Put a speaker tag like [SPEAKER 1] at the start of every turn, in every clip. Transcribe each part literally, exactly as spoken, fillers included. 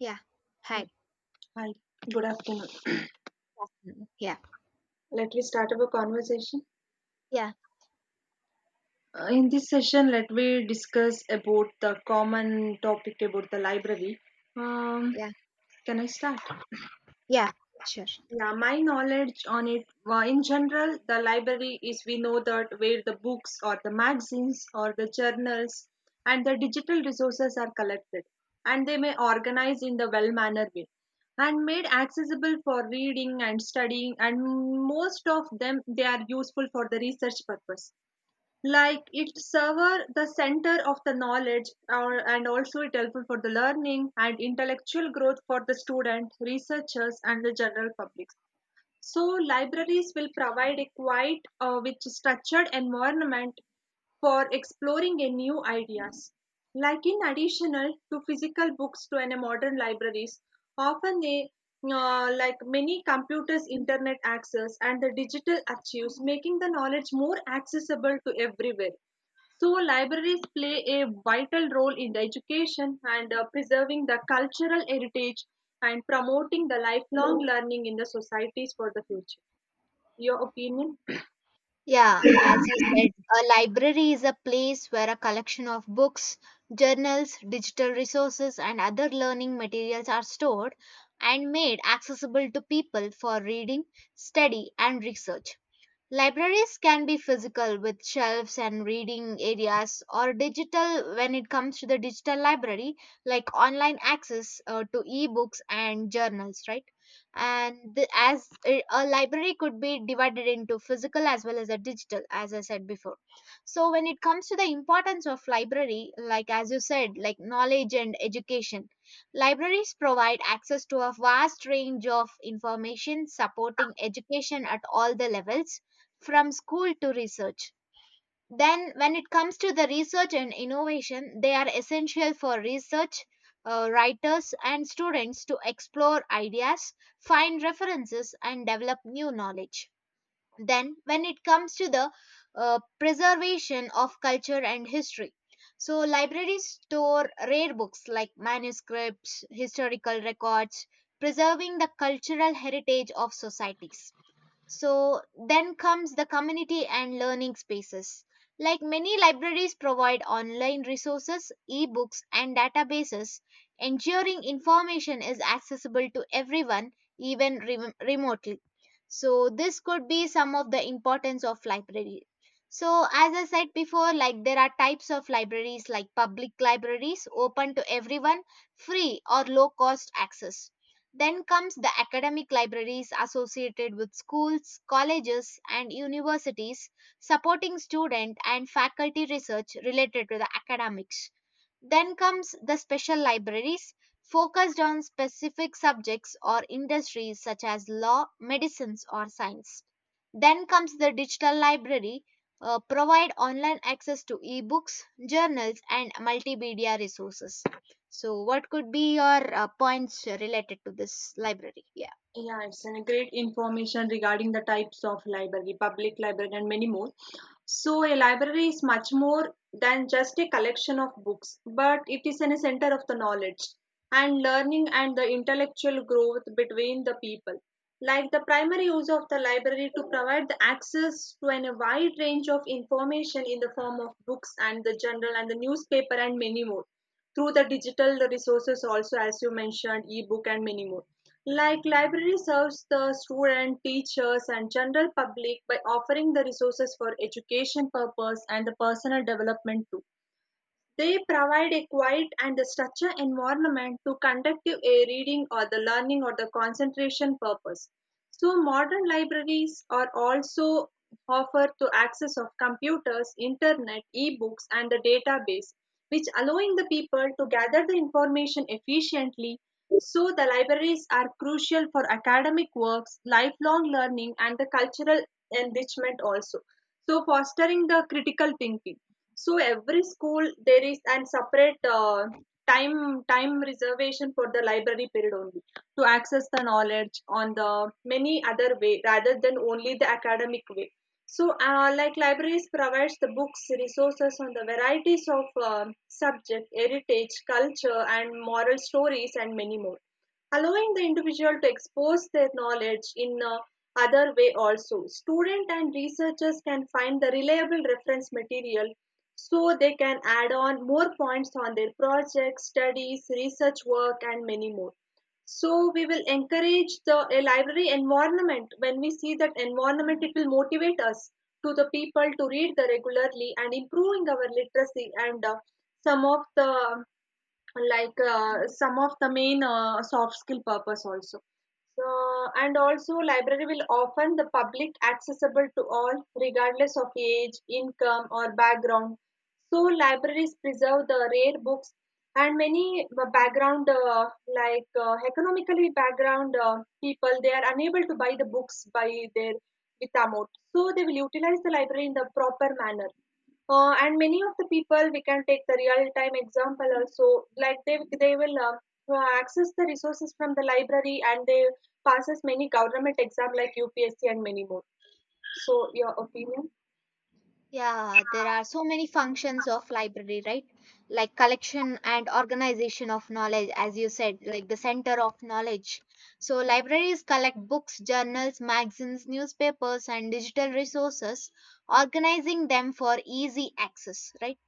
[SPEAKER 1] Yeah.
[SPEAKER 2] Yeah.
[SPEAKER 1] Hi.
[SPEAKER 2] Hi, good afternoon.
[SPEAKER 1] Afternoon. Yeah.
[SPEAKER 2] Let me start our conversation.
[SPEAKER 1] Yeah.
[SPEAKER 2] Uh, in this session, let me discuss about the common topic about the library. Um,
[SPEAKER 1] Yeah.
[SPEAKER 2] can I start?
[SPEAKER 1] Yeah. Sure.
[SPEAKER 2] Yeah, my knowledge on it, well, in general, the library is we know that where the books or the magazines or the journals and the digital resources are collected, and they may organize in the well mannered way and made accessible for reading and studying, and most of them they are useful for the research purpose, like it server the center of the knowledge or, and also it helpful for the learning and intellectual growth for the student researchers and the general public. So libraries will provide a quiet, uh, with structured environment for exploring a new ideas. Like in additional to physical books to an a modern libraries, often they uh, like many computers, internet access, and the digital archives, making the knowledge more accessible to everywhere. So libraries play a vital role in the education, and uh, preserving the cultural heritage and promoting the lifelong learning in the societies for the future. Your opinion?
[SPEAKER 1] Yeah, as you said, a library is a place where a collection of books, journals, digital resources, and other learning materials are stored and made accessible to people for reading, study, and research. Libraries can be physical with shelves and reading areas, or digital when it comes to the digital library, like online access uh, to ebooks and journals, right? And the, as a a library could be divided into physical as well as a digital, as I said before. So when it comes to the importance of library, like as you said, like knowledge and education, libraries provide access to a vast range of information, supporting education at all the levels from school to research. Then, when it comes to the research and innovation, they are essential for research, uh, writers, and students to explore ideas, find references, and develop new knowledge. Then, when it comes to the uh, preservation of culture and history, so libraries store rare books like manuscripts, historical records, preserving the cultural heritage of societies. So then comes the community and learning spaces. Like many libraries provide online resources, ebooks and databases, ensuring information is accessible to everyone, even rem- remotely. So this could be some of the importance of library. So as I said before, like there are types of libraries, like public libraries open to everyone, free or low cost access. Then comes the academic libraries associated with schools, colleges, and universities, supporting student and faculty research related to the academics. Then comes the special libraries, focused on specific subjects or industries such as law, medicines, or science. Then comes the digital library, uh, provide online access to ebooks, journals, and multimedia resources. So, what could be your uh, points related to this library? Yeah.
[SPEAKER 2] Yes, and great information regarding the types of library, public library, and many more. So a library is much more than just a collection of books, but it is an center of the knowledge and learning and the intellectual growth between the people. Like the primary use of the library to provide the access to an, a wide range of information in the form of books and the journal and the newspaper and many more, through the digital resources also, as you mentioned ebook and many more. Like library serves the student teachers and general public by offering the resources for education purpose and the personal development too. They provide a quiet and structured environment to conduct a reading or the learning or the concentration purpose. So modern libraries are also offer to access of computers, internet, ebooks and the database, which allowing the people to gather the information efficiently. So the libraries are crucial for academic works, lifelong learning and the cultural enrichment also. So fostering the critical thinking, so every school there is and separate uh, time time reservation for the library period only to access the knowledge on the many other way rather than only the academic way. So uh, like libraries provides the books resources on the varieties of um subject, heritage, culture, and moral stories and many more, allowing the individual to expose their knowledge in a other way. Also student and researchers can find the reliable reference material, so they can add on more points on their projects, studies, research work, and many more. So we will encourage the a library environment. When we see that environment, it will motivate us to the people to read the regularly and improving our literacy and uh, some of the like uh, some of the main uh, soft skill purpose also. So, and also library will often the public accessible to all regardless of age income or background. So libraries preserve the rare books and many b- background uh, like uh, economically background uh, people they are unable to buy the books by their with amount, so they will utilize the library in the proper manner. Uh, and many of the people we can take the real time example also, like they they will uh, uh, access the resources from the library and they passes many government exam like U P S C and many more. So your opinion?
[SPEAKER 1] Yeah, there are so many functions of library, right? Like collection and organization of knowledge, as you said, like the center of knowledge. So libraries collect books, journals, magazines, newspapers, and digital resources, organizing them for easy access, right?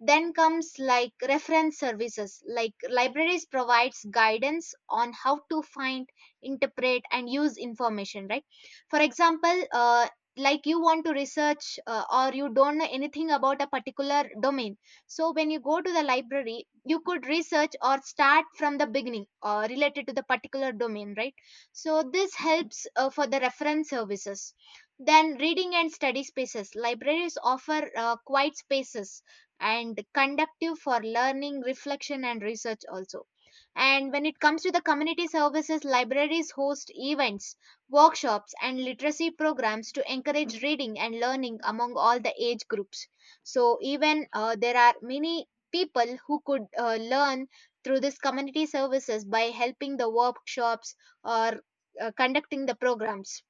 [SPEAKER 1] Then comes like reference services, like libraries provides guidance on how to find, interpret, and use information, right? For example, uh, like you want to research uh, or you don't know anything about a particular domain. So when you go to the library, you could research or start from the beginning uh, related to the particular domain, right? So this helps uh, for the reference services. Then reading and study spaces. Libraries offer uh, quiet spaces and conductive for learning, reflection, and research also. And when it comes to the community services, libraries host events, workshops, and literacy programs to encourage reading and learning among all the age groups. So, even uh, there are many people who could uh, learn through this community services by helping the workshops or uh, conducting the programs.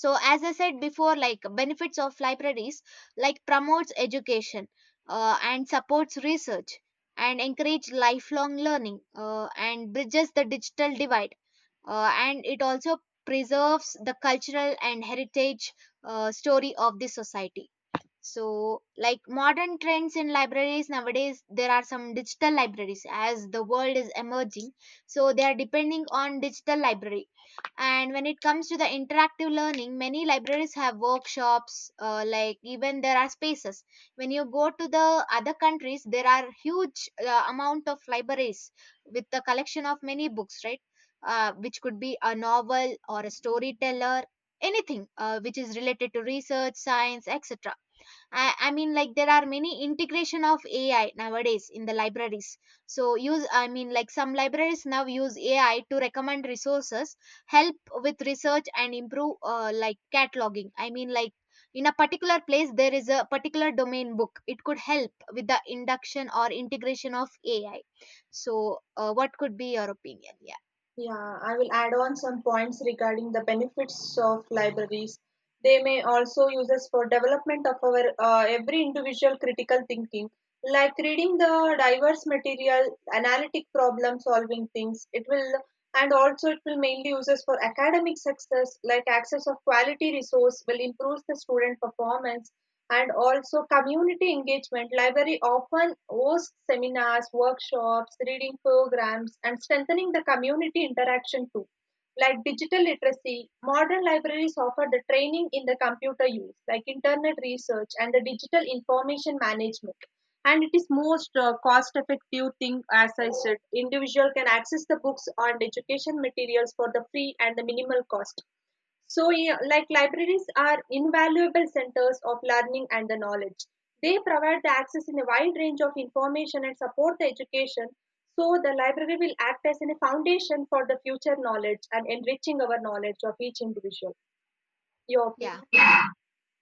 [SPEAKER 1] So as I said before, like benefits of libraries, like promotes education, uh, and supports research, and encourage lifelong learning, uh, and bridges the digital divide, uh, and it also preserves the cultural and heritage, uh, story of the society. So, like modern trends in libraries nowadays, there are some digital libraries as the world is emerging. So, they are depending on digital library. And when it comes to the interactive learning, many libraries have workshops, uh, like even there are spaces. When you go to the other countries, there are huge uh, amount of libraries with the collection of many books, right? Uh, which could be a novel or a storyteller, anything uh, which is related to research, science, etc. I, I mean, like there are many integration of A I nowadays in the libraries. So use, I mean, like some libraries now use A I to recommend resources, help with research, and improve uh, like cataloging. I mean, like in a particular place there is a particular domain book, it could help with the induction or integration of A I. So uh, what could be your opinion? Yeah.
[SPEAKER 2] Yeah, I will add on some points regarding the benefits of libraries. They may also use us for development of our uh, every individual critical thinking. Like reading the diverse material, analytic problem solving things, it will, and also it will mainly uses for academic success, like access of quality resource will improve the student performance, and also community engagement. Library often hosts seminars, workshops, reading programs and strengthening the community interaction too. Like digital literacy, modern libraries offer the training in the computer use, like internet research and the digital information management. And it is most uh, cost effective thing, as I said, individual can access the books and education materials for the free and the minimal cost. So yeah, like libraries are invaluable centers of learning and the knowledge. They provide the access in a wide range of information and support the education. So the library will act as a foundation for the future knowledge and enriching our knowledge of each individual. Your opinion?
[SPEAKER 1] Yeah.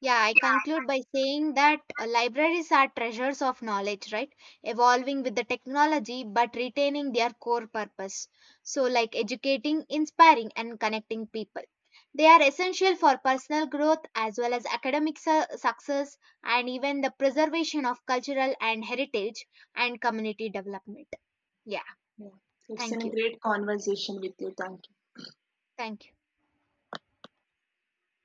[SPEAKER 1] Yeah, I conclude by saying that uh, libraries are treasures of knowledge, right? Evolving with the technology but retaining their core purpose. So, like educating, inspiring, and connecting people. They are essential for personal growth as well as academic su- success, and even the preservation of cultural and heritage and community development. Yeah,
[SPEAKER 2] Yeah. It's been
[SPEAKER 1] thank
[SPEAKER 2] a
[SPEAKER 1] you.
[SPEAKER 2] great conversation with you. Thank you.
[SPEAKER 1] Thank you.